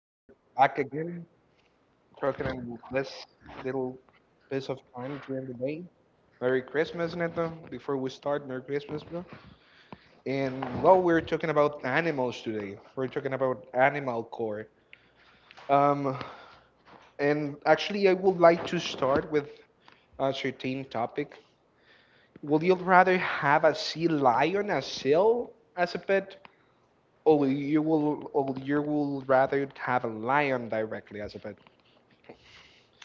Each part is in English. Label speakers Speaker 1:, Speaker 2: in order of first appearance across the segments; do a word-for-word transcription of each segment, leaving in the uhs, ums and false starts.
Speaker 1: We're back again, talking in this little piece of time during the day. Merry Christmas, Neto. Before we start, Merry Christmas, bro. And well, we're talking about animals today. We're talking about animal core. Um, and actually, I would like to start with a certain topic. Would you rather have a sea lion, a seal, as a pet, or you will, or you will rather have a lion directly as a pet?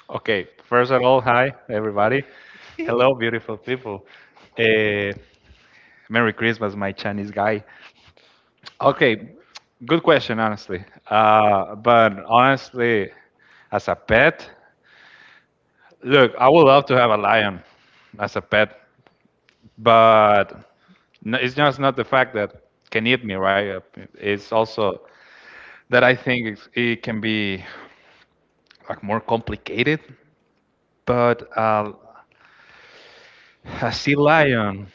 Speaker 2: Okay, first of all, hi everybody. Hello, beautiful people. Uh, Merry Christmas, my Chinese guy. Okay, good question, honestly. Uh, but honestly, as a pet, look, I would love to have a lion as a pet, but n- it's just not the fact that can eat me, right? Uh, It's also that I think it's, it can be like more complicated. But uh, a sea lion.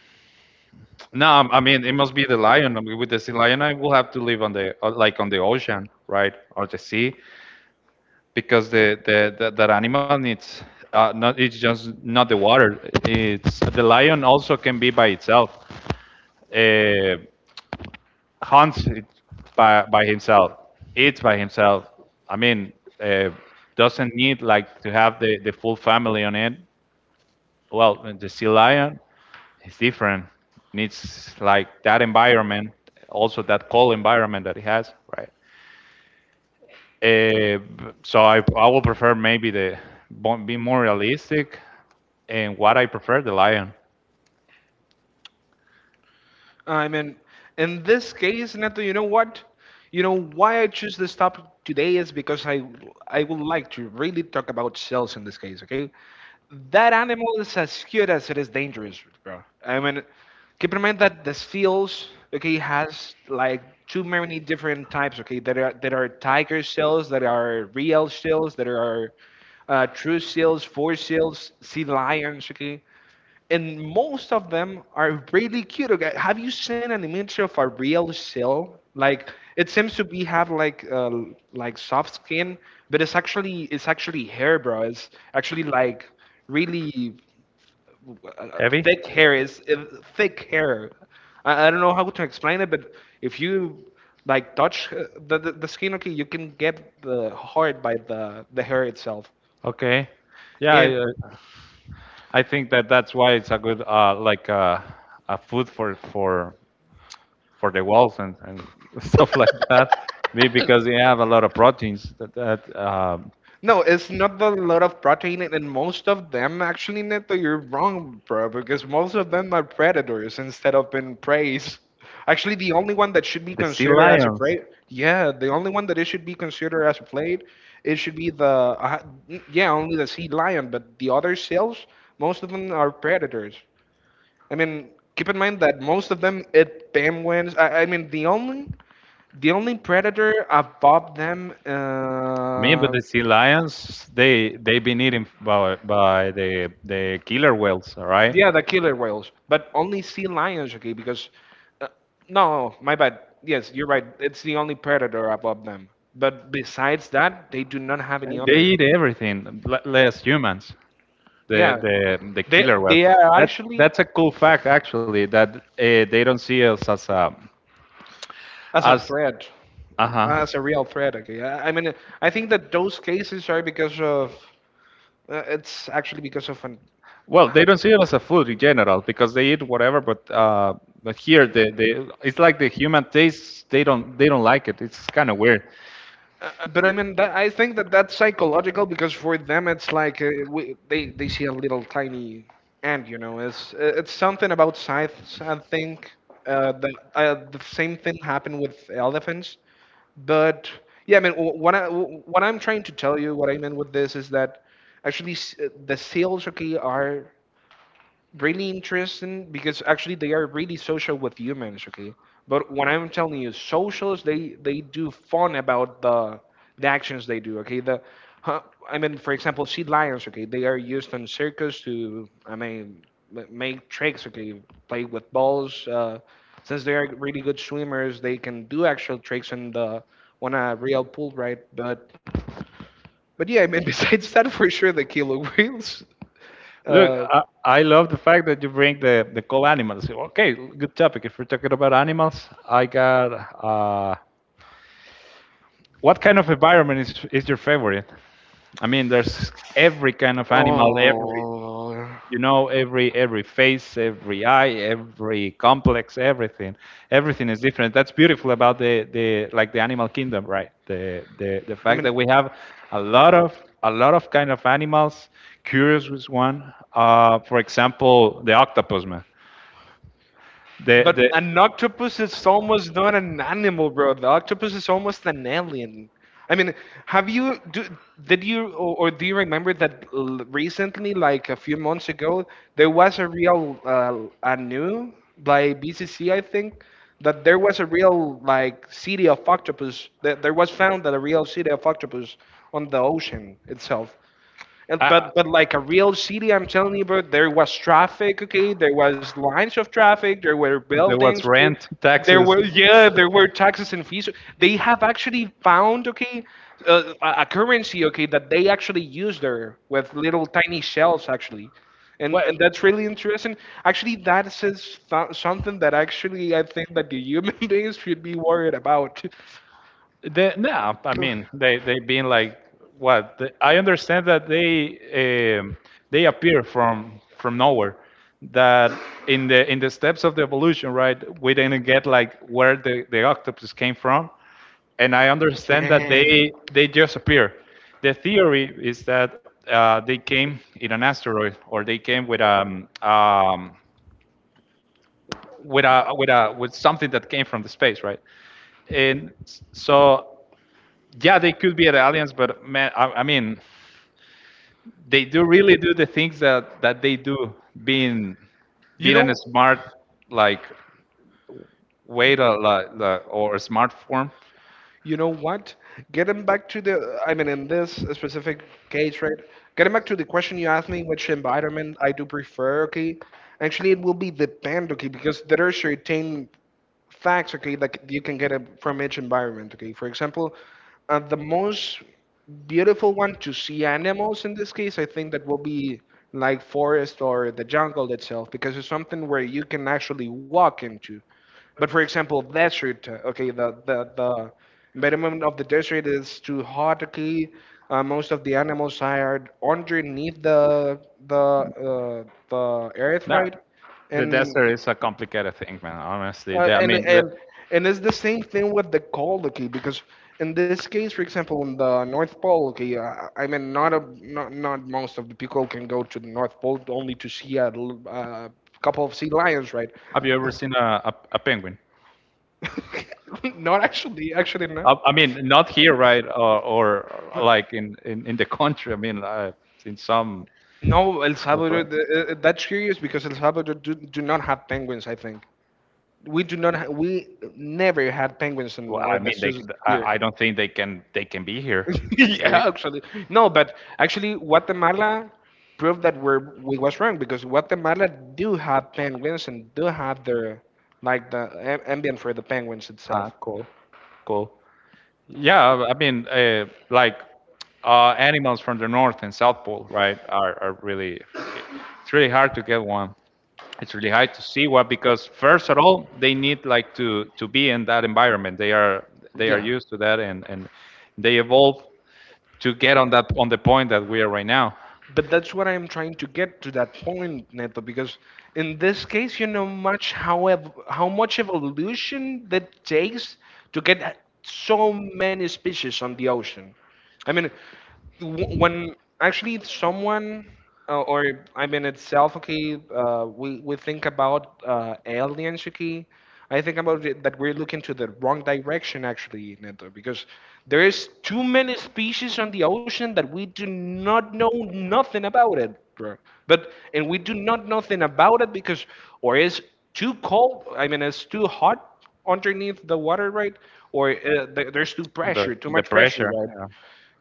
Speaker 2: No, um, I mean it must be the lion. I mean, with the sea lion, I will have to live on the uh, like on the ocean, right, or the sea, because the the, the that animal needs uh, not it's just not the water. It's the lion also can be by itself. Uh, Hunts it by by himself, eats by himself. I mean, uh, doesn't need like to have the the full family on it. Well, the sea lion it's different. It needs like that environment, also that cold environment that it has, right? Uh, so I I will prefer maybe the be more realistic, and what I prefer the lion
Speaker 1: I mean, in this case, Neto, you know what? You know why I choose this topic today is because I I would like to really talk about shells in this case, okay? That animal is as cute as it is dangerous, bro. I mean, keep in mind that the seals, okay, has like too many different types, okay? There are there are tiger seals, there are real seals, there are uh, true seals, four seals, sea lions, okay? And most of them are really cute. Okay, have you seen an image of a real seal? Like it seems to be have like uh, like soft skin, but it's actually it's actually hair, bro. It's actually like really uh,
Speaker 2: heavy.
Speaker 1: thick hair. It's uh, thick hair. I, I don't know how to explain it, but if you like touch uh, the, the the skin, okay, you can get the hard by the the hair itself.
Speaker 2: Okay. Yeah, I,
Speaker 1: And
Speaker 2: uh, I think that that's why it's a good uh, like uh, a food for for for the wolves and, and stuff like that. Me because they have a lot of proteins that, that um,
Speaker 1: no, it's not a lot of protein, and and most of them actually, Neto, you're wrong, bro, because most of them are predators instead of being preys. Actually, the only one that should be
Speaker 2: the sea
Speaker 1: considered as a
Speaker 2: lions.
Speaker 1: prey, yeah, the only one that it should be considered as a prey, it should be the, uh, n- yeah, only the sea lion, but the other seals, most of them are predators. I mean, keep in mind that most of them eat penguins. I, I mean, the only the only predator above them.
Speaker 2: I mean, but
Speaker 1: Uh,
Speaker 2: the sea lions they they've been eaten by by the the killer whales, all right?
Speaker 1: Yeah, the killer whales, but only sea lions, okay? Because uh, no, my bad. Yes, you're right. It's the only predator above them. But besides that, they do not have any
Speaker 2: And they
Speaker 1: other.
Speaker 2: eat everything, l- less humans. The
Speaker 1: Yeah,
Speaker 2: the the
Speaker 1: they
Speaker 2: killer was.
Speaker 1: they are
Speaker 2: That
Speaker 1: actually
Speaker 2: that's a cool fact actually that uh, they don't see us as a
Speaker 1: as a
Speaker 2: as
Speaker 1: threat,
Speaker 2: uh huh.
Speaker 1: as a real threat. Okay, I, I mean, I think that those cases are because of uh, it's actually because of an
Speaker 2: Well,
Speaker 1: how,
Speaker 2: they don't see it as a food in general because they eat whatever. But uh, but here, the, the it's like the human taste. They don't they don't like it. It's kind of weird.
Speaker 1: Uh, but I mean, that, I think that that's psychological because for them it's like uh, we, they they see a little tiny ant, you know. It's it's something about scythes, I think. Uh, that uh, the same thing happened with elephants, but yeah, I mean, wh- what I wh- what I'm trying to tell you, what I mean with this is that actually s- uh, the seals, okay, are really interesting because actually they are really social with humans, okay, but when I'm telling you socials, they they do fun about the the actions they do, okay, the huh, I mean, for example, sea lions, okay, they are used in circus to, I mean, ma- make tricks, okay, play with balls. Uh, since they are really good swimmers, they can do actual tricks in the on a real pool, right? but but yeah, I mean, besides that, for sure, the killer whales.
Speaker 2: Look,
Speaker 1: uh
Speaker 2: I, I love the fact that you bring the, the cool animals. Okay, good topic. If we're talking about animals, I got uh, what kind of environment is, is your favorite? I mean, there's every kind of animal, every,
Speaker 1: Oh.
Speaker 2: you know, every every face every eye every complex everything everything is different that's beautiful about the the like the animal kingdom right the the, the
Speaker 1: I
Speaker 2: fact
Speaker 1: mean,
Speaker 2: that we have a lot of a lot of kind of animals curious was one uh for example the octopus man the
Speaker 1: but
Speaker 2: the
Speaker 1: an octopus is almost not an animal, bro. The octopus is almost an alien. I mean, have you do, did you or, or do you remember that l- recently, like a few months ago, there was a real uh, a new by B C C, I think, that there was a real like city of octopus. That there was found that a real city of octopus on the ocean itself. And,
Speaker 2: uh,
Speaker 1: but but like a real city, I'm telling you, bro, there was traffic, okay? There was lines of traffic. There were
Speaker 2: there was
Speaker 1: buildings, okay?
Speaker 2: rent
Speaker 1: There
Speaker 2: taxes.
Speaker 1: were yeah, there were taxes and fees. They have actually found, okay, uh, a a currency, okay, that they actually use there with little tiny shells, actually, and
Speaker 2: Well,
Speaker 1: and that's really interesting. Actually, that is th- something that actually I think that the human beings should be worried about.
Speaker 2: they, no, I mean they they've been like what? The, I understand that they um, they appear from from nowhere. That in the in the steps of the evolution, right? We didn't get like where the, the octopus came from, and I understand that
Speaker 1: Yeah.
Speaker 2: they they just appear. The theory is that uh, they came in an asteroid, or they came with um, um, with a with a with something that came from the space, right? And s- so yeah, they could be at aliens, but man, I, I mean, they do really do the things that that they do, being
Speaker 1: You
Speaker 2: being in a
Speaker 1: know,
Speaker 2: smart like way to like, like or a smart form.
Speaker 1: you know what? Getting back to the, I mean, in this specific case, right? Getting back to the question you asked me, which environment I do prefer, okay? Actually, it will be depend, okay, because there are certain facts, okay, that you can get it from each environment, okay. For example, uh, the most beautiful one to see animals in this case, I think that will be like forest or the jungle itself, because it's something where you can actually walk into. But for example, desert, uh, okay, the the the minimum of the desert is too hot, okay. Uh, most of the animals are underneath the the uh, the earth,
Speaker 2: No,
Speaker 1: right?
Speaker 2: the
Speaker 1: And
Speaker 2: desert is a complicated thing, man. Honestly,
Speaker 1: uh,
Speaker 2: the, I
Speaker 1: and
Speaker 2: mean, the,
Speaker 1: and and it's the same thing with the cold, okay? Because in this case, for example, in the North Pole, okay, uh, I mean, not a not not most of the people can go to the North Pole only to see a l- uh, couple of sea lions, right?
Speaker 2: have you ever seen a, a, a penguin?
Speaker 1: Not actually, actually not.
Speaker 2: I, I mean, not here, right? Or, or like in, in, in the country. I mean, uh, in some.
Speaker 1: No, El Salvador. th- uh, uh, That's curious because El Salvador do, do not have penguins. I think we do not. Ha- we never had penguins in
Speaker 2: Well, I
Speaker 1: or
Speaker 2: mean,
Speaker 1: that's
Speaker 2: they,
Speaker 1: just
Speaker 2: I,
Speaker 1: here.
Speaker 2: I don't think they can, they can be here. Eh,
Speaker 1: Yeah, actually, no, but actually, Guatemala proved that we're, we was wrong because Guatemala do have penguins and do have their like the a- ambient for the penguins
Speaker 2: Ah,
Speaker 1: itself.
Speaker 2: cool, cool. Yeah, I I mean, uh, like uh, animals from the north and south pole, right? Are, are really, it's really hard to get one. It's really hard to see one because first of all, they need like to to be in that environment. They are they are
Speaker 1: Yeah,
Speaker 2: used to that and and they evolve to get on that on the point that we are right now.
Speaker 1: but that's what I'm trying to get to that point, Neto, because in this case, you know much how ev- how much evolution that takes to get so many species on the ocean. I mean, w- when actually it's someone uh, or I mean itself, okay, uh, we we think about uh, aliens, okay. I think about it, that we're looking to the wrong direction actually, Neto, because there is too many species on the ocean that we do not know nothing about it, bro. But and we do not know nothing about it because or it's too cold. I mean, it's too hot underneath the water, right? Or uh, there- there's too
Speaker 2: The
Speaker 1: pressure, too
Speaker 2: the
Speaker 1: much pressure,
Speaker 2: pressure.
Speaker 1: right?
Speaker 2: Yeah.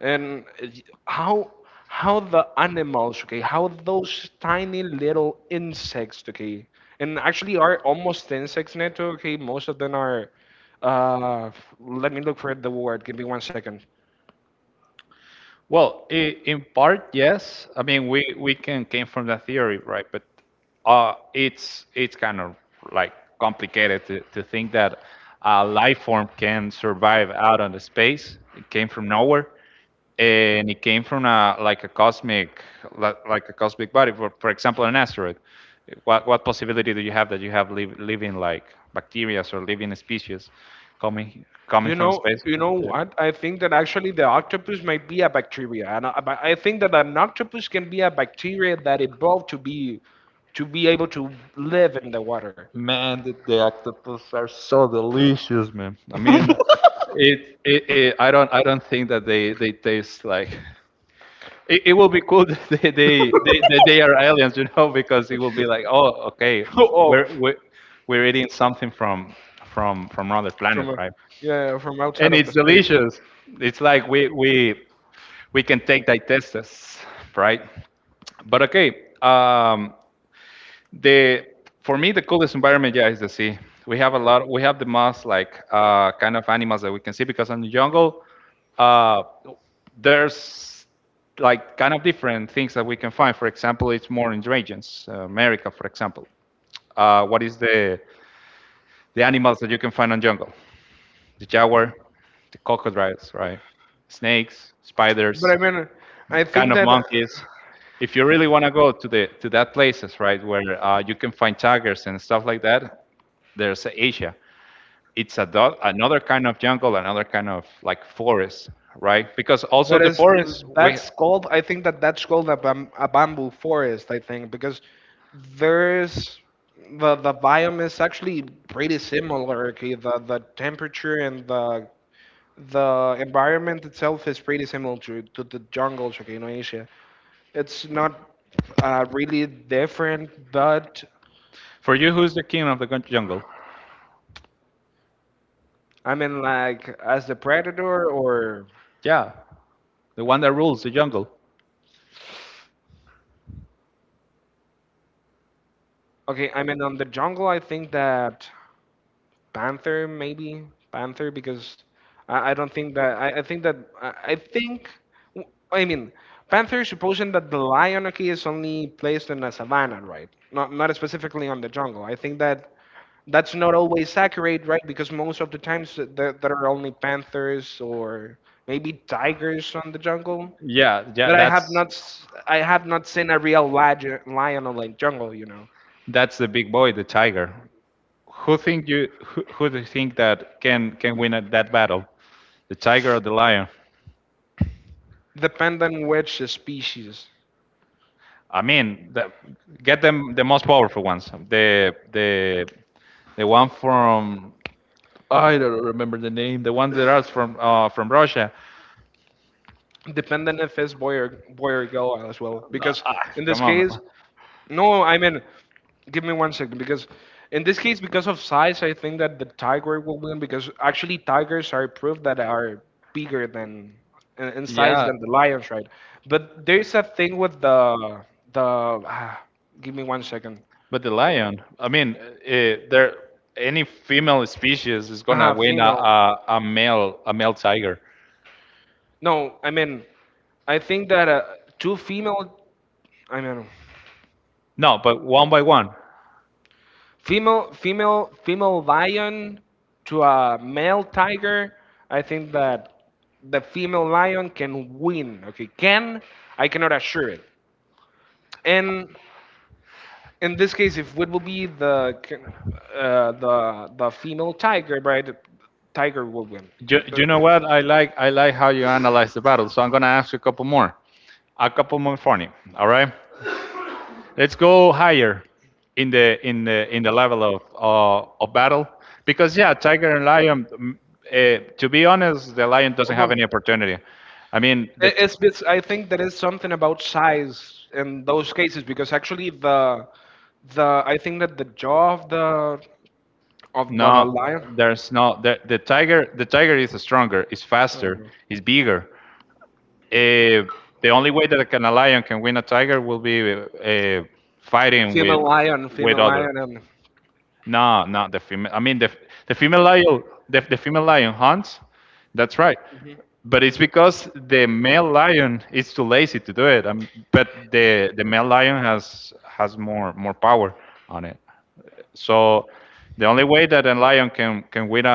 Speaker 1: And eh, how how the animals, okay, how those tiny little insects, okay, and actually are almost insects, Neto, okay, most of them are uh f- let me look for the word, give me one second.
Speaker 2: Well, i- in part, yes. I mean, we we can came from that theory, right? But uh, it's it's kind of like complicated to, to think that a life form can survive out on the space. It came from nowhere, and it came from a like a cosmic li- like a cosmic body. For for example, an asteroid. What what possibility do you have that you have liv living like bacteria or living species coming coming
Speaker 1: You
Speaker 2: from
Speaker 1: know,
Speaker 2: space?
Speaker 1: you know what, I think that actually the octopus might be a bacteria and i, but I think that an octopus can be a bacteria that evolved to be to be able to live in the water.
Speaker 2: Man, the, the octopus are so delicious, man. I mean, it, it, it I don't I don't think that they they taste like. It, it will be cool that they they, they that they are aliens, you know, because it will be like, oh, okay,
Speaker 1: Oh, oh,
Speaker 2: we're we're, we're eating something from from from another planet,
Speaker 1: from a,
Speaker 2: right?
Speaker 1: yeah, yeah, from
Speaker 2: And
Speaker 1: outside of
Speaker 2: it's
Speaker 1: the space.
Speaker 2: delicious. It's like we we we can take digestives, right? But okay, um, the for me the coolest environment yeah is the sea. We have a lot, we have the most like uh, kind of animals that we can see because in the jungle uh, there's like kind of different things that we can find, for example it's more in regions uh, america for example uh, what is the the animals that you can find on jungle, the jaguar, the crocodiles right, snakes,
Speaker 1: But
Speaker 2: spiders,
Speaker 1: I mean, I
Speaker 2: kind
Speaker 1: think
Speaker 2: of
Speaker 1: that.
Speaker 2: monkeys. If you really want to go to the to that places right where uh, you can find tigers and stuff like that, there's Asia. It's a do- another kind of jungle, another kind of like forest, right? Because also
Speaker 1: But
Speaker 2: the
Speaker 1: it's
Speaker 2: forest, we,
Speaker 1: that's called. I think that that's called a, bam, a bamboo forest. I think because there's the the biome is actually pretty similar. Okay, the the temperature and the the environment itself is pretty similar to, to the jungles of Indonesia. It's not uh, really different, but
Speaker 2: for you, who's the king of the gun- jungle?
Speaker 1: I mean, like, as the predator, or
Speaker 2: Yeah, the one that rules the jungle.
Speaker 1: okay, I mean, on the jungle, I think that panther, maybe panther, because I, I don't think that I, I think that I, I think w- I mean. Panther, supposing that the lion okay is only placed in a savanna, right? Not not specifically on the jungle. I think that that's not always accurate, right? Because most of the times th- there, there are only panthers or maybe tigers on the jungle.
Speaker 2: Yeah, yeah,
Speaker 1: But I have
Speaker 2: that's
Speaker 1: not s- I have not seen a real lion lion on the jungle. You know,
Speaker 2: that's the big boy, the tiger. Who think you? Who, who do you think that can can win at that battle? The tiger or the lion?
Speaker 1: depending which species,
Speaker 2: I mean, the, get them the most powerful ones. The the the one from I don't remember the name. The one that are from uh, from Russia.
Speaker 1: depending if it's boy or boy or girl as well.
Speaker 2: No,
Speaker 1: Because
Speaker 2: ah,
Speaker 1: in this
Speaker 2: come on,
Speaker 1: case.
Speaker 2: man.
Speaker 1: No, I mean, give me one second because in this case, because of size, I think that the tiger will win because actually tigers are proof that are bigger than in, in size
Speaker 2: Yeah,
Speaker 1: than the lions, right? But there's a thing with the the ah, give me one second.
Speaker 2: but the lion. I mean, uh, there any female species is gonna
Speaker 1: Uh-huh,
Speaker 2: win a,
Speaker 1: female.
Speaker 2: a a male a male tiger.
Speaker 1: No, I mean, I think that uh, two female. I mean.
Speaker 2: No, but one by one.
Speaker 1: female female female lion to a male tiger, I think that the female lion can win, okay, can I cannot assure it, and in this case if it will be the uh, the the female tiger, right, tiger will win.
Speaker 2: You, you know what? I like I like how you analyze the battle. So I'm gonna ask you a couple more, a couple more for you. All right. Let's go higher in the in the in the level of uh, of battle because yeah, tiger and lion. Mm, Uh, to be honest, the lion
Speaker 1: Oh,
Speaker 2: doesn't
Speaker 1: no.
Speaker 2: have any opportunity. I mean, the
Speaker 1: It-
Speaker 2: t-
Speaker 1: it's, it's I think that is something about size in those cases because actually the the I think that the jaw of the of the
Speaker 2: no,
Speaker 1: lion.
Speaker 2: there's no the, the tiger. The tiger is stronger, is
Speaker 1: Oh,
Speaker 2: faster,
Speaker 1: no.
Speaker 2: is bigger. Uh, the only way that a can- a lion can win a tiger will be uh, fighting with
Speaker 1: Female lion,
Speaker 2: with
Speaker 1: female
Speaker 2: other.
Speaker 1: lion, and
Speaker 2: No, not the female. I mean, the the female lion, the, the female lion hunts. That's right.
Speaker 1: mhm.
Speaker 2: But it's because the male lion is too lazy to do it. Um, but the the male lion has has more more power on it. So the only way that a lion can can win a,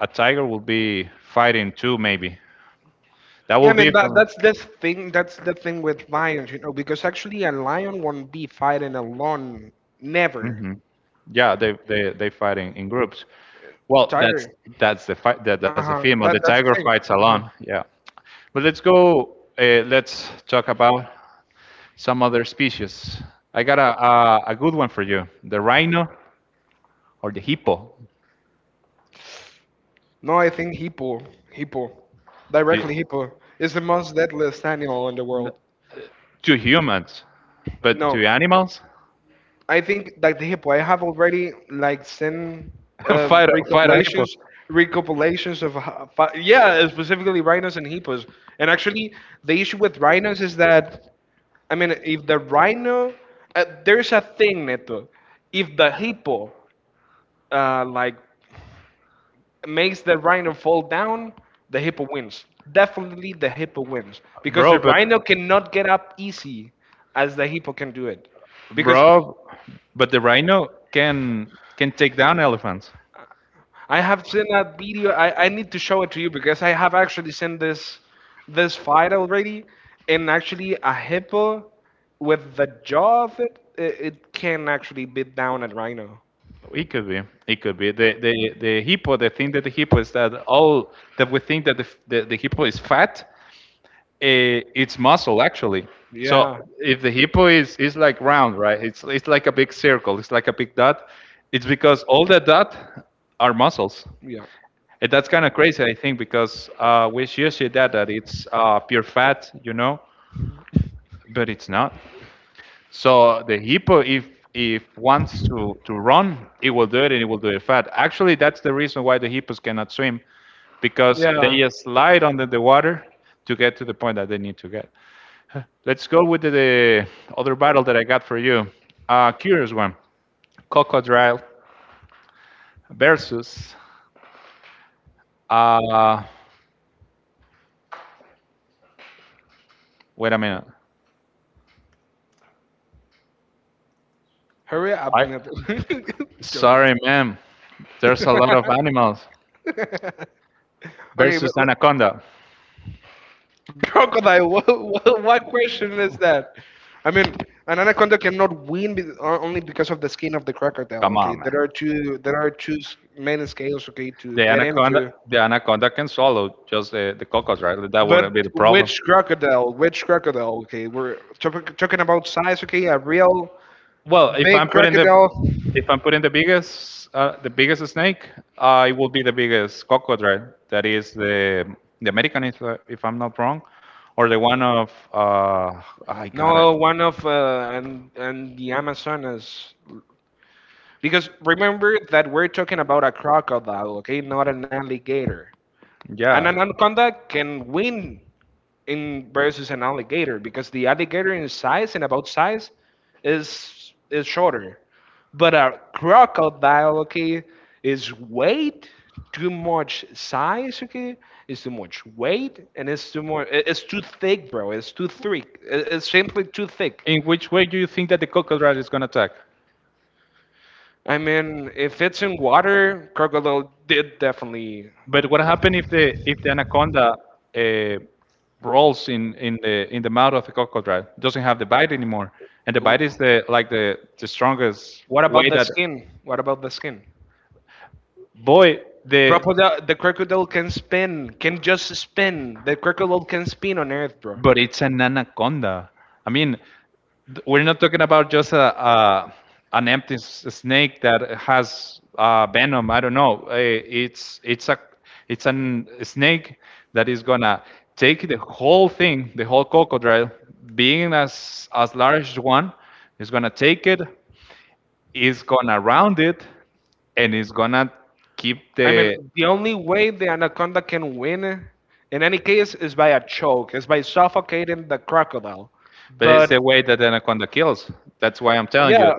Speaker 2: a, a tiger will be fighting two, maybe. That
Speaker 1: Yeah,
Speaker 2: will
Speaker 1: I
Speaker 2: be
Speaker 1: mean that
Speaker 2: from
Speaker 1: that's the thing. That's the thing with lions, you know, because actually a lion won't be fighting alone. Never,
Speaker 2: hmm. Yeah, they they they fight in, in groups. Well, that's
Speaker 1: tiger.
Speaker 2: that's the fight that
Speaker 1: Uh
Speaker 2: that's the
Speaker 1: huh.
Speaker 2: female. The
Speaker 1: That that's the
Speaker 2: tiger fights
Speaker 1: thing. Uh-huh.
Speaker 2: alone. Yeah, but let's go. Uh, let's talk about some other species. I got a, a a good one for you: the rhino or the hippo.
Speaker 1: No, I think hippo, hippo,
Speaker 2: The,
Speaker 1: directly hippo is the most deadliest animal in the world.
Speaker 2: to humans, but
Speaker 1: No.
Speaker 2: to animals.
Speaker 1: I think like the hippo. I have already like sent uh,
Speaker 2: Fire, fire a hippo.
Speaker 1: recopilations, recopilations of ho- fi- yeah, specifically rhinos and hippos. And actually, the issue with rhinos is that I mean, if the rhino, uh, there's a thing, Neto. If the hippo uh, like makes the rhino fall down, the hippo wins. Definitely, the hippo wins because
Speaker 2: Bro,
Speaker 1: the
Speaker 2: but
Speaker 1: rhino cannot get up easy as the hippo can do it because
Speaker 2: bro, but the rhino can can take down elephants.
Speaker 1: I have seen that video. I, I need to show it to you because I have actually seen this this fight already, and actually a hippo with the jaw of it, it, it can actually beat down a rhino.
Speaker 2: It could be. It could be. The the the hippo. The thing that the hippo is that all that we think that the f- the, the hippo is fat, eh, it's muscle actually. So
Speaker 1: Yeah,
Speaker 2: if the hippo is is like round, right? It's it's like a big circle. It's like a big dot. It's because all the dot are muscles,
Speaker 1: yeah.
Speaker 2: and that's kind of crazy, I think, because uh, we usually that that it's uh, pure fat, you know, but it's not. So the hippo, if if wants to to run, it will do it, and it will do it fat. Actually, that's the reason why the hippos cannot swim because
Speaker 1: Yeah.
Speaker 2: they just slide under the water to get to the point that they need to get. Let's go with the, the other battle that I got for you. Uh, curious one. Crocodile versus. Uh, Wait a minute.
Speaker 1: Hurry up,
Speaker 2: I
Speaker 1: Neto. Joking.
Speaker 2: sorry, ma'am. There's a lot of animals
Speaker 1: Okay, but
Speaker 2: versus
Speaker 1: l-
Speaker 2: anaconda.
Speaker 1: crocodile. What, what, what question is that? I mean, an anaconda cannot win be- o- only because of the skin of the crocodile.
Speaker 2: Come
Speaker 1: Okay,
Speaker 2: on, man.
Speaker 1: there are two. There are two s- main scales. Okay, to
Speaker 2: The
Speaker 1: get
Speaker 2: anaconda,
Speaker 1: into.
Speaker 2: the anaconda can swallow just the, the crocodile. That
Speaker 1: But
Speaker 2: wouldn't be the problem.
Speaker 1: which crocodile? Which crocodile? Okay, we're talk- talking about size. Okay, a real
Speaker 2: Well, if
Speaker 1: big
Speaker 2: I'm putting the,
Speaker 1: crocodile.
Speaker 2: if I'm putting the biggest, uh, the biggest snake, uh, it will be the biggest cocodrile. That is the the American, if, uh, if I'm not wrong, or the one of uh, I got it.
Speaker 1: No, one of uh, and and the Amazonas. Because remember that we're talking about a crocodile, okay, not an alligator. And an
Speaker 2: Yeah.
Speaker 1: anaconda can win in versus an alligator because the alligator in size and about size is is shorter. But a crocodile, okay, is weight, too much size, okay, is too much weight, and it's too more, i- it's too thick, bro. It's too thick. I- It's simply too thick.
Speaker 2: In which way do you think that the cocodrile is gonna attack?
Speaker 1: I mean, if it's in water, crocodile did definitely.
Speaker 2: But what happens if the if the anaconda uh, rolls in in the in the mouth of the crocodile? Doesn't have the bite anymore, and the bite is the like the the strongest
Speaker 1: What about
Speaker 2: way
Speaker 1: the
Speaker 2: that
Speaker 1: skin? What about the skin?
Speaker 2: boy the
Speaker 1: Crocodile, the crocodile can spin, can just spin. The crocodile can spin on Earth, bro.
Speaker 2: But it's an anaconda. I mean, th- we're not talking about just a, a an empty s- snake that has uh, venom. I don't know. Eh, It's it's a it's an snake that is gonna take the whole thing, the whole crocodile, being as as large as one, is gonna take it, is gonna round it, and it's gonna keep
Speaker 1: I mean,
Speaker 2: the.
Speaker 1: the only way the anaconda can win, in any case, is by a choke, is by suffocating the crocodile.
Speaker 2: But it's
Speaker 1: But
Speaker 2: the way that the anaconda kills. That's why I'm telling you.
Speaker 1: yeah,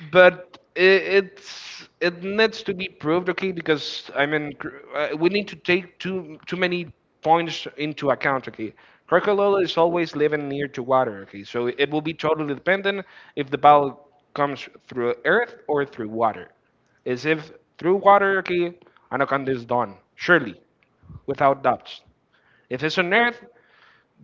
Speaker 1: but it, it's it needs to be proved, okay? Because I mean, cr- uh, we need to take too too many points into account, okay? Krakalola is always living near to water, okay? So it will be totally dependent if the ball comes through earth or through water. Is if through water, okay, anaconda is done, surely, without doubts. If it's on earth,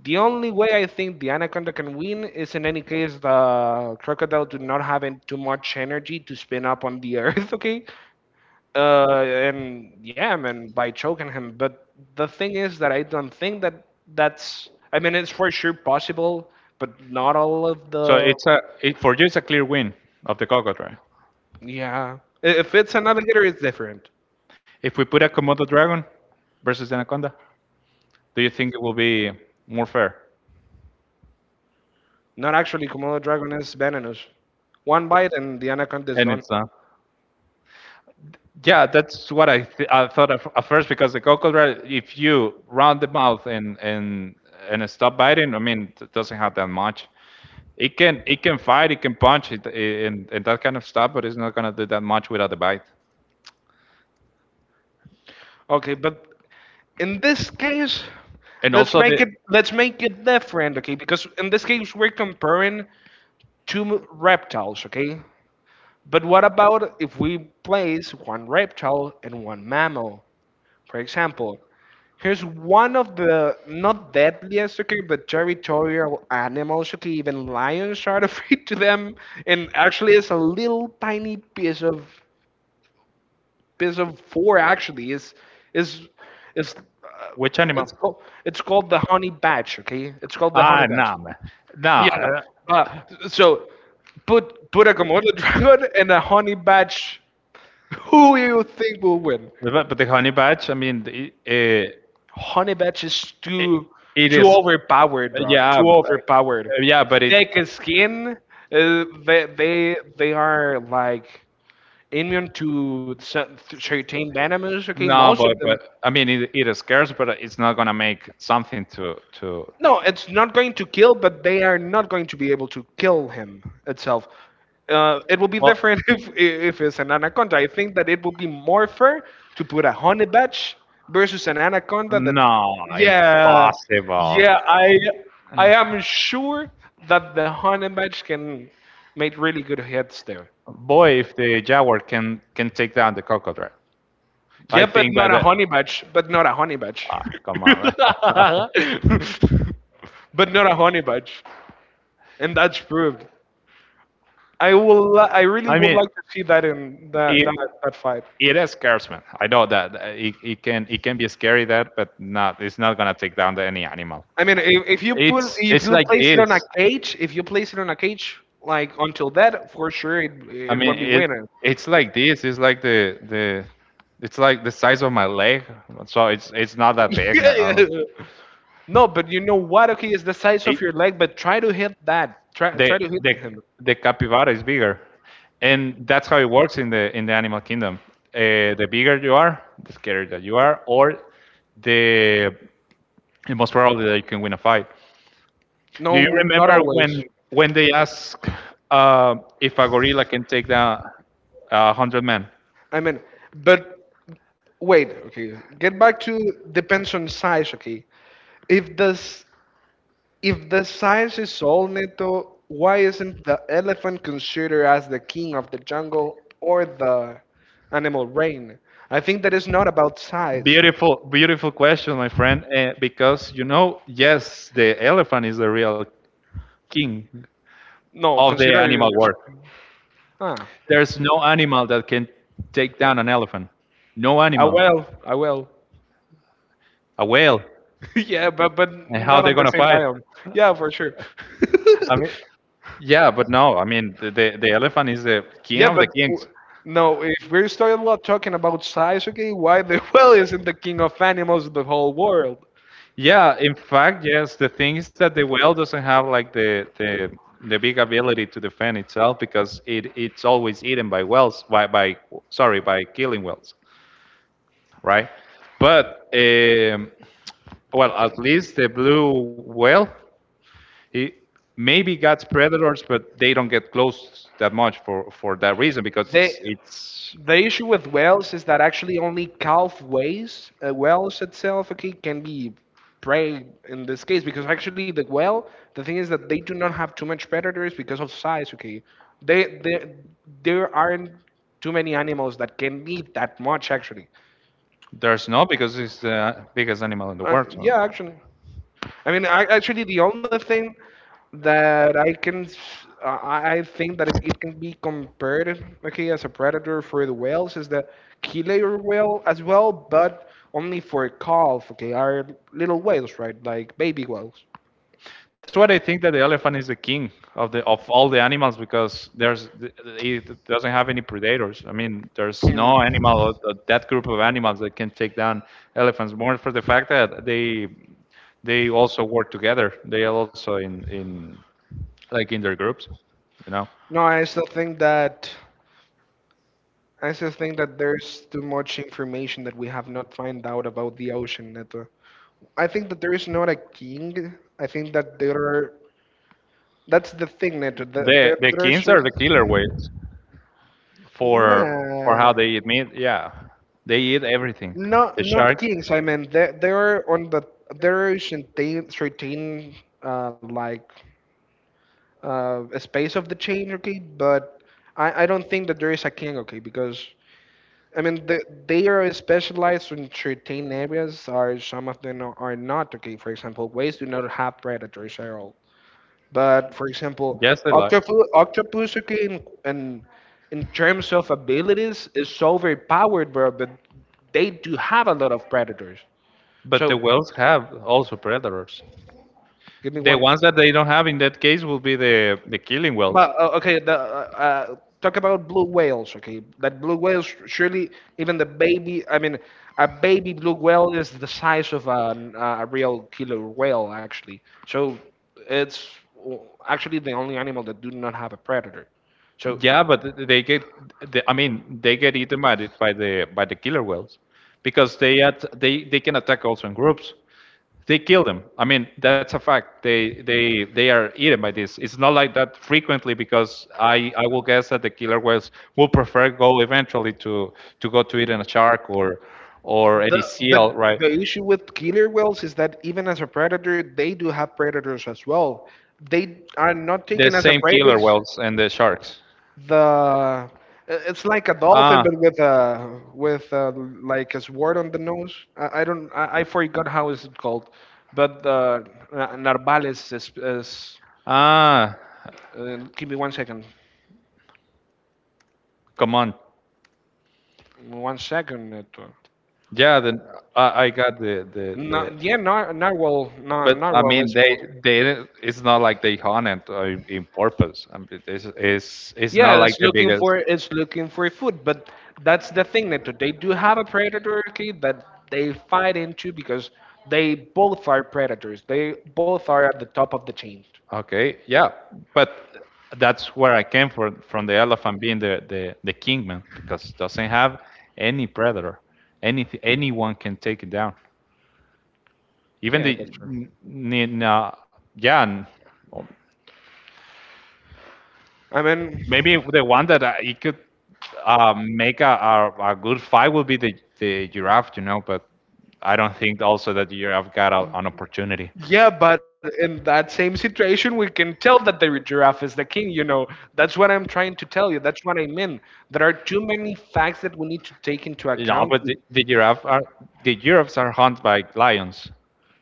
Speaker 1: the only way I think the Anaconda can win is in any case the crocodile do not have en- too much energy to spin up on the earth, okay? Uh, and yeah, man, by choking him. But the thing is that I don't think that that's. I mean, it's for sure possible, but not all of
Speaker 2: So
Speaker 1: the.
Speaker 2: it's a it, for you it's a clear win of the Golgo dragon.
Speaker 1: Yeah, I- if it's an alligator, it's different.
Speaker 2: If we put a Komodo dragon versus the Anaconda, do you think it will be more fair?
Speaker 1: Not actually, Komodo dragon is venomous. One bite and the anaconda is
Speaker 2: And
Speaker 1: done.
Speaker 2: it's not. Yeah, that's what I th- I thought at at first because the Golgo dragon, if you round the mouth and and and stop biting, I mean, it doesn't have that much. It can it can fight, it can punch, it, and and that kind of stuff, but it's not gonna do that much without the bite.
Speaker 1: Okay, but in this case,
Speaker 2: And
Speaker 1: let's
Speaker 2: also
Speaker 1: make
Speaker 2: the
Speaker 1: it let's make it different, okay? Because in this case, we're comparing two m- reptiles, okay? But what about if we place one reptile and one mammal? For example, here's one of the not deadliest, okay, but territorial animals, okay? Even lions are afraid to them, and actually, it's a little tiny piece of episode four actually is is is uh,
Speaker 2: Which animal?
Speaker 1: it's called it's called the honey badge, okay, it's called the honey
Speaker 2: Ah,
Speaker 1: badge.
Speaker 2: no, man. No,
Speaker 1: Yeah,
Speaker 2: uh,
Speaker 1: but so put put a Komodo dragon and a honey badge, who you think will win.
Speaker 2: but but the honey badge, I mean, it it,
Speaker 1: Honey badge is
Speaker 2: it,
Speaker 1: too
Speaker 2: it
Speaker 1: too
Speaker 2: is,
Speaker 1: overpowered, bro,
Speaker 2: yeah,
Speaker 1: too
Speaker 2: b-
Speaker 1: overpowered.
Speaker 2: yeah, but it
Speaker 1: Thick skin, uh, they they they are like immune to cer- certain venomous, okay,
Speaker 2: No,
Speaker 1: most of
Speaker 2: but
Speaker 1: them.
Speaker 2: but I mean it, it is scarce, but it's not gonna make something to to.
Speaker 1: No, it's not going to kill, but they are not going to be able to kill him itself. Uh, it will be
Speaker 2: Well,
Speaker 1: different if if it's an anaconda. I think that it will be more fair to put a honey badge versus an anaconda. That
Speaker 2: no,
Speaker 1: yeah,
Speaker 2: impossible.
Speaker 1: yeah. I I am sure that the honey badge can make really good hits there.
Speaker 2: Boy, if the jaguar can can take down the cocodrile. I
Speaker 1: Yeah, but
Speaker 2: think
Speaker 1: not
Speaker 2: that.
Speaker 1: a
Speaker 2: Uh,
Speaker 1: honey badge. But not a honey badge.
Speaker 2: ah, come on.
Speaker 1: But not a honey badge, and that's proved. I will. li- I really
Speaker 2: I
Speaker 1: would
Speaker 2: mean,
Speaker 1: like to see that in that
Speaker 2: it,
Speaker 1: that, that fight.
Speaker 2: it is scares man. I know that uh, it, it can it can be scary that, but not it's not gonna take down the, any animal.
Speaker 1: I mean, if, if you put
Speaker 2: It's
Speaker 1: if
Speaker 2: it's
Speaker 1: you
Speaker 2: like
Speaker 1: place it
Speaker 2: this.
Speaker 1: on a cage, if you place it on a cage, like until that, for sure it
Speaker 2: I
Speaker 1: it
Speaker 2: mean,
Speaker 1: won't be
Speaker 2: it
Speaker 1: winning.
Speaker 2: it's like this. It's like the the it's like the size of my leg. So it's it's not that big. Man.
Speaker 1: Yeah. No, but you know what? Okay, it's the size of
Speaker 2: It,
Speaker 1: your leg, but try to hit that. Try
Speaker 2: the
Speaker 1: try to
Speaker 2: the
Speaker 1: hit him.
Speaker 2: the capybara is bigger, and that's how it works in the in the animal kingdom. Uh, the bigger you are, the scarier that you are, or the the most probably that you can win a fight. Do
Speaker 1: No,
Speaker 2: you
Speaker 1: not
Speaker 2: remember
Speaker 1: always.
Speaker 2: when when they ask uh, if a gorilla can take down uh, a hundred men?
Speaker 1: I mean, but wait, okay. Get back to depends on size, okay. If this if the size is all, Neto, why isn't the elephant considered as the king of the jungle or the animal reign? I think that is not about size.
Speaker 2: Beautiful, beautiful question, my friend. Uh, because you know, yes, the elephant is the real king
Speaker 1: No,
Speaker 2: of the
Speaker 1: consider it
Speaker 2: animal
Speaker 1: in your
Speaker 2: world.
Speaker 1: size. Ah,
Speaker 2: There's no animal that can take down an elephant. No
Speaker 1: I
Speaker 2: animal.
Speaker 1: will, I will.
Speaker 2: A whale.
Speaker 1: Yeah, but but
Speaker 2: And how
Speaker 1: not
Speaker 2: they're
Speaker 1: on the
Speaker 2: gonna
Speaker 1: same
Speaker 2: fight?
Speaker 1: biome. Yeah, for sure.
Speaker 2: I mean, yeah, but no. I mean, the the, the elephant is the king
Speaker 1: Yeah,
Speaker 2: of the
Speaker 1: but w-
Speaker 2: kings.
Speaker 1: no, if we're starting lot talking about Sasuke, why the whale isn't the king of animals in the whole world?
Speaker 2: Yeah, in fact, yes. The thing is that the whale doesn't have like the the the big ability to defend itself because it it's always eaten by whales by by sorry by killing whales, right? But um, well, at least the blue whale he maybe got predators, but they don't get close that much for for that reason because
Speaker 1: They,
Speaker 2: it's, it's
Speaker 1: the issue with whales is that actually only calf whales, uh, whales itself, okay, can be prey in this case because actually the whale, the thing is that they do not have too much predators because of size, okay. They, they there aren't too many animals that can eat that much actually.
Speaker 2: there's no because it's the biggest animal in the
Speaker 1: Uh,
Speaker 2: world. So
Speaker 1: yeah, actually. I mean, I, actually, the only thing that I can, s- uh, I I think that it, it can be compared, okay, as a predator for the whales is the keeler whale as well, but only for calf, okay, are little whales, right? Like baby whales.
Speaker 2: that's what I think that the elephant is the king of the of all the animals because there's it doesn't have any predators. I mean, there's
Speaker 1: Hmm.
Speaker 2: no animal uh, uh, that group of animals that can take down elephants. More for the fact that they they also work together. They are also in in like in their groups, you know.
Speaker 1: No, I still think that. I still think that there's too much information that we have not find out about the ocean, Neto. I think that there is not a king. I think that there are. That's the thing, Neto. That
Speaker 2: The
Speaker 1: there,
Speaker 2: the
Speaker 1: there are
Speaker 2: kings are the killer
Speaker 1: certain.
Speaker 2: whales for for how
Speaker 1: Nah,
Speaker 2: they eat meat. Yeah, they eat everything.
Speaker 1: not
Speaker 2: The
Speaker 1: not
Speaker 2: sharks.
Speaker 1: kings. I mean, there there are on the there are certain certain uh, like uh, a space of the chain, okay. But I I don't think that there is a king, okay, because I mean, the, they are specialized in certain areas, or some of them are are not, okay. For example, whales do not have predators at all. But for example,
Speaker 2: Yes, they like.
Speaker 1: octopus, octopus, okay, in, in, in terms of abilities, is so overpowered, bro, but they do have a lot of predators.
Speaker 2: But
Speaker 1: So,
Speaker 2: the whales have also predators.
Speaker 1: give me
Speaker 2: The
Speaker 1: one.
Speaker 2: ones that they don't have in that case will be the the killing wells.
Speaker 1: But uh, okay, the, uh, uh, talk about blue whales. Okay, that blue whales surely even the baby. I mean, a baby blue whale is the size of an, uh, a real killer whale actually. So it's w- actually the only animal that do not have a predator. So
Speaker 2: Yeah, but they get, the, I mean, they get eaten by the, by the by the killer whales, because they at, they they can attack also in groups. They kill them. I mean, that's a fact. They they they are eaten by this. It's not like that frequently because I I will guess that the killer whales will prefer go eventually to to go to eating a shark or or any
Speaker 1: the
Speaker 2: seal,
Speaker 1: but
Speaker 2: right?
Speaker 1: the issue with killer whales is that even as a predator, they do have predators as well. They are not
Speaker 2: The
Speaker 1: taken as a
Speaker 2: same
Speaker 1: prey
Speaker 2: killer whales and the sharks.
Speaker 1: the uh, it's like a dolphin
Speaker 2: Ah,
Speaker 1: but with a with a, like a sword on the nose. I, I don't I, I forgot how is it called, but the uh, narvales is, is
Speaker 2: ah,
Speaker 1: uh, give me one second,
Speaker 2: come on.
Speaker 1: one second. It, uh,
Speaker 2: Yeah, then I, I got the, the,
Speaker 1: na-
Speaker 2: the,
Speaker 1: yeah, nar- narwhal, nar-
Speaker 2: but I
Speaker 1: narwhal.
Speaker 2: mean,
Speaker 1: It's
Speaker 2: they,
Speaker 1: called.
Speaker 2: they, didn't- it's not like they haunt it uh, in purpose. I mean, it's, it's, it's not
Speaker 1: Yeah,
Speaker 2: like
Speaker 1: it's
Speaker 2: the
Speaker 1: looking
Speaker 2: biggest.
Speaker 1: for it's looking for food, but that's the thing that they do have a predator, okay, that they fight into because they both are predators. They both are at the top of the chain.
Speaker 2: Okay, yeah, but that's where I came from from the elephant being the the the kingman because it doesn't have any predator. Any anyone can take it down. Even
Speaker 1: Yeah,
Speaker 2: the
Speaker 1: that's true.
Speaker 2: n- n- uh, yeah, n-
Speaker 1: I mean,
Speaker 2: maybe the one that I, it could uh, make a, a a good fight would be the the giraffe, you know, but I don't think also that the giraffe got a, an opportunity.
Speaker 1: yeah, but in that same situation, we can tell that the giraffe is the king. You know, that's what I'm trying to tell you. That's what I mean. There are too many facts that we need to take into
Speaker 2: You know,
Speaker 1: account.
Speaker 2: but the, the giraffe are the giraffes are hunted by lions.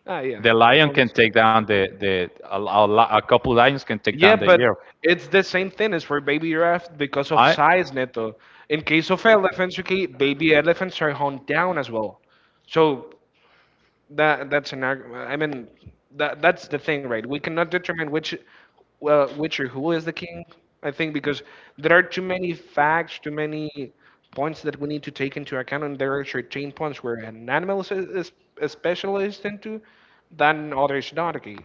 Speaker 1: Ah, yeah,
Speaker 2: The lion can
Speaker 1: almost.
Speaker 2: take down the the a, a, li- a couple lions can take down
Speaker 1: Yeah,
Speaker 2: the
Speaker 1: but
Speaker 2: year.
Speaker 1: it's the same thing as for baby giraffe because of
Speaker 2: I
Speaker 1: size, Neto. In case of elephants, okay, baby elephants are honed down as well. So that that's an argument. I mean, that that's the thing, right? We cannot determine which, well, which or who is the king. I think because there are too many facts, too many points that we need to take into account, and there are certain points where an animal is, is, is specialized into, than others not. Okay,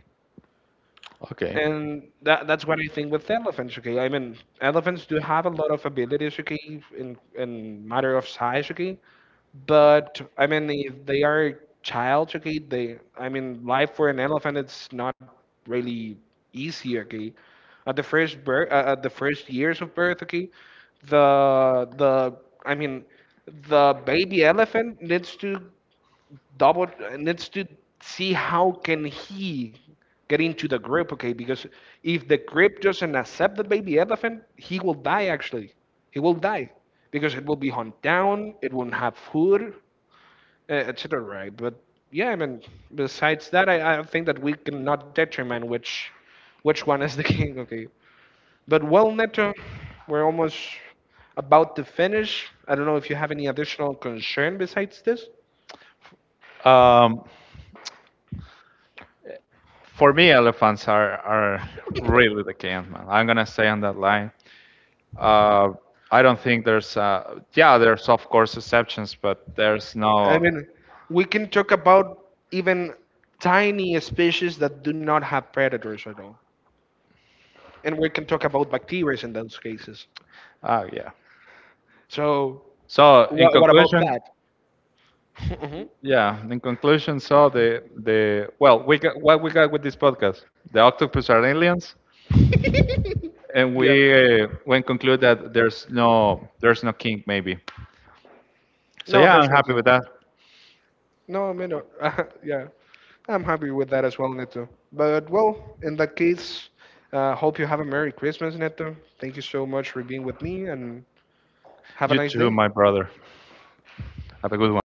Speaker 2: Okay.
Speaker 1: and that that's what I think with elephants. Okay, I mean elephants do have a lot of abilities. Okay, in in matter of size. Okay, but I mean if they are child. Okay, they I mean life for an elephant it's not really easy. Okay, at the first birth, uh, at the first years of birth. Okay, the the I mean the baby elephant needs to double needs to see how can he get into the grip, okay, because if the grip doesn't accept the baby elephant he will die actually, he will die because it will be hunted down, it won't have food, etc, right? But yeah, I mean, besides that i, I think that we cannot determine which which one is the king, okay, but well, Neto, we're almost about to finish, I don't know if you have any additional concern besides this.
Speaker 2: Um, for me, elephants are are really the king, man. I'm gonna stay on that line. Uh, I don't think there's, uh, yeah, there's of course exceptions, but there's
Speaker 1: I
Speaker 2: no,
Speaker 1: mean, we can talk about even tiny species that do not have predators at all, and we can talk about bacteria in those cases.
Speaker 2: ah, yeah.
Speaker 1: So,
Speaker 2: So in
Speaker 1: what, what about
Speaker 2: conclusion,
Speaker 1: that? Mhm.
Speaker 2: yeah, in conclusion, so the the well, we got what we got with this podcast. The octopus are aliens, and
Speaker 1: Yeah.
Speaker 2: we uh, we conclude that there's no there's no king maybe. So
Speaker 1: No,
Speaker 2: yeah, I'm
Speaker 1: there's no
Speaker 2: happy
Speaker 1: game.
Speaker 2: with that.
Speaker 1: No, I mean, uh, yeah, I'm happy with that as well, Neto. But well, in that case, uh, hope you have a Merry Christmas, Neto. Thank you so much for being with me, and have a
Speaker 2: You
Speaker 1: nice
Speaker 2: too,
Speaker 1: day.
Speaker 2: my brother. Have a good one.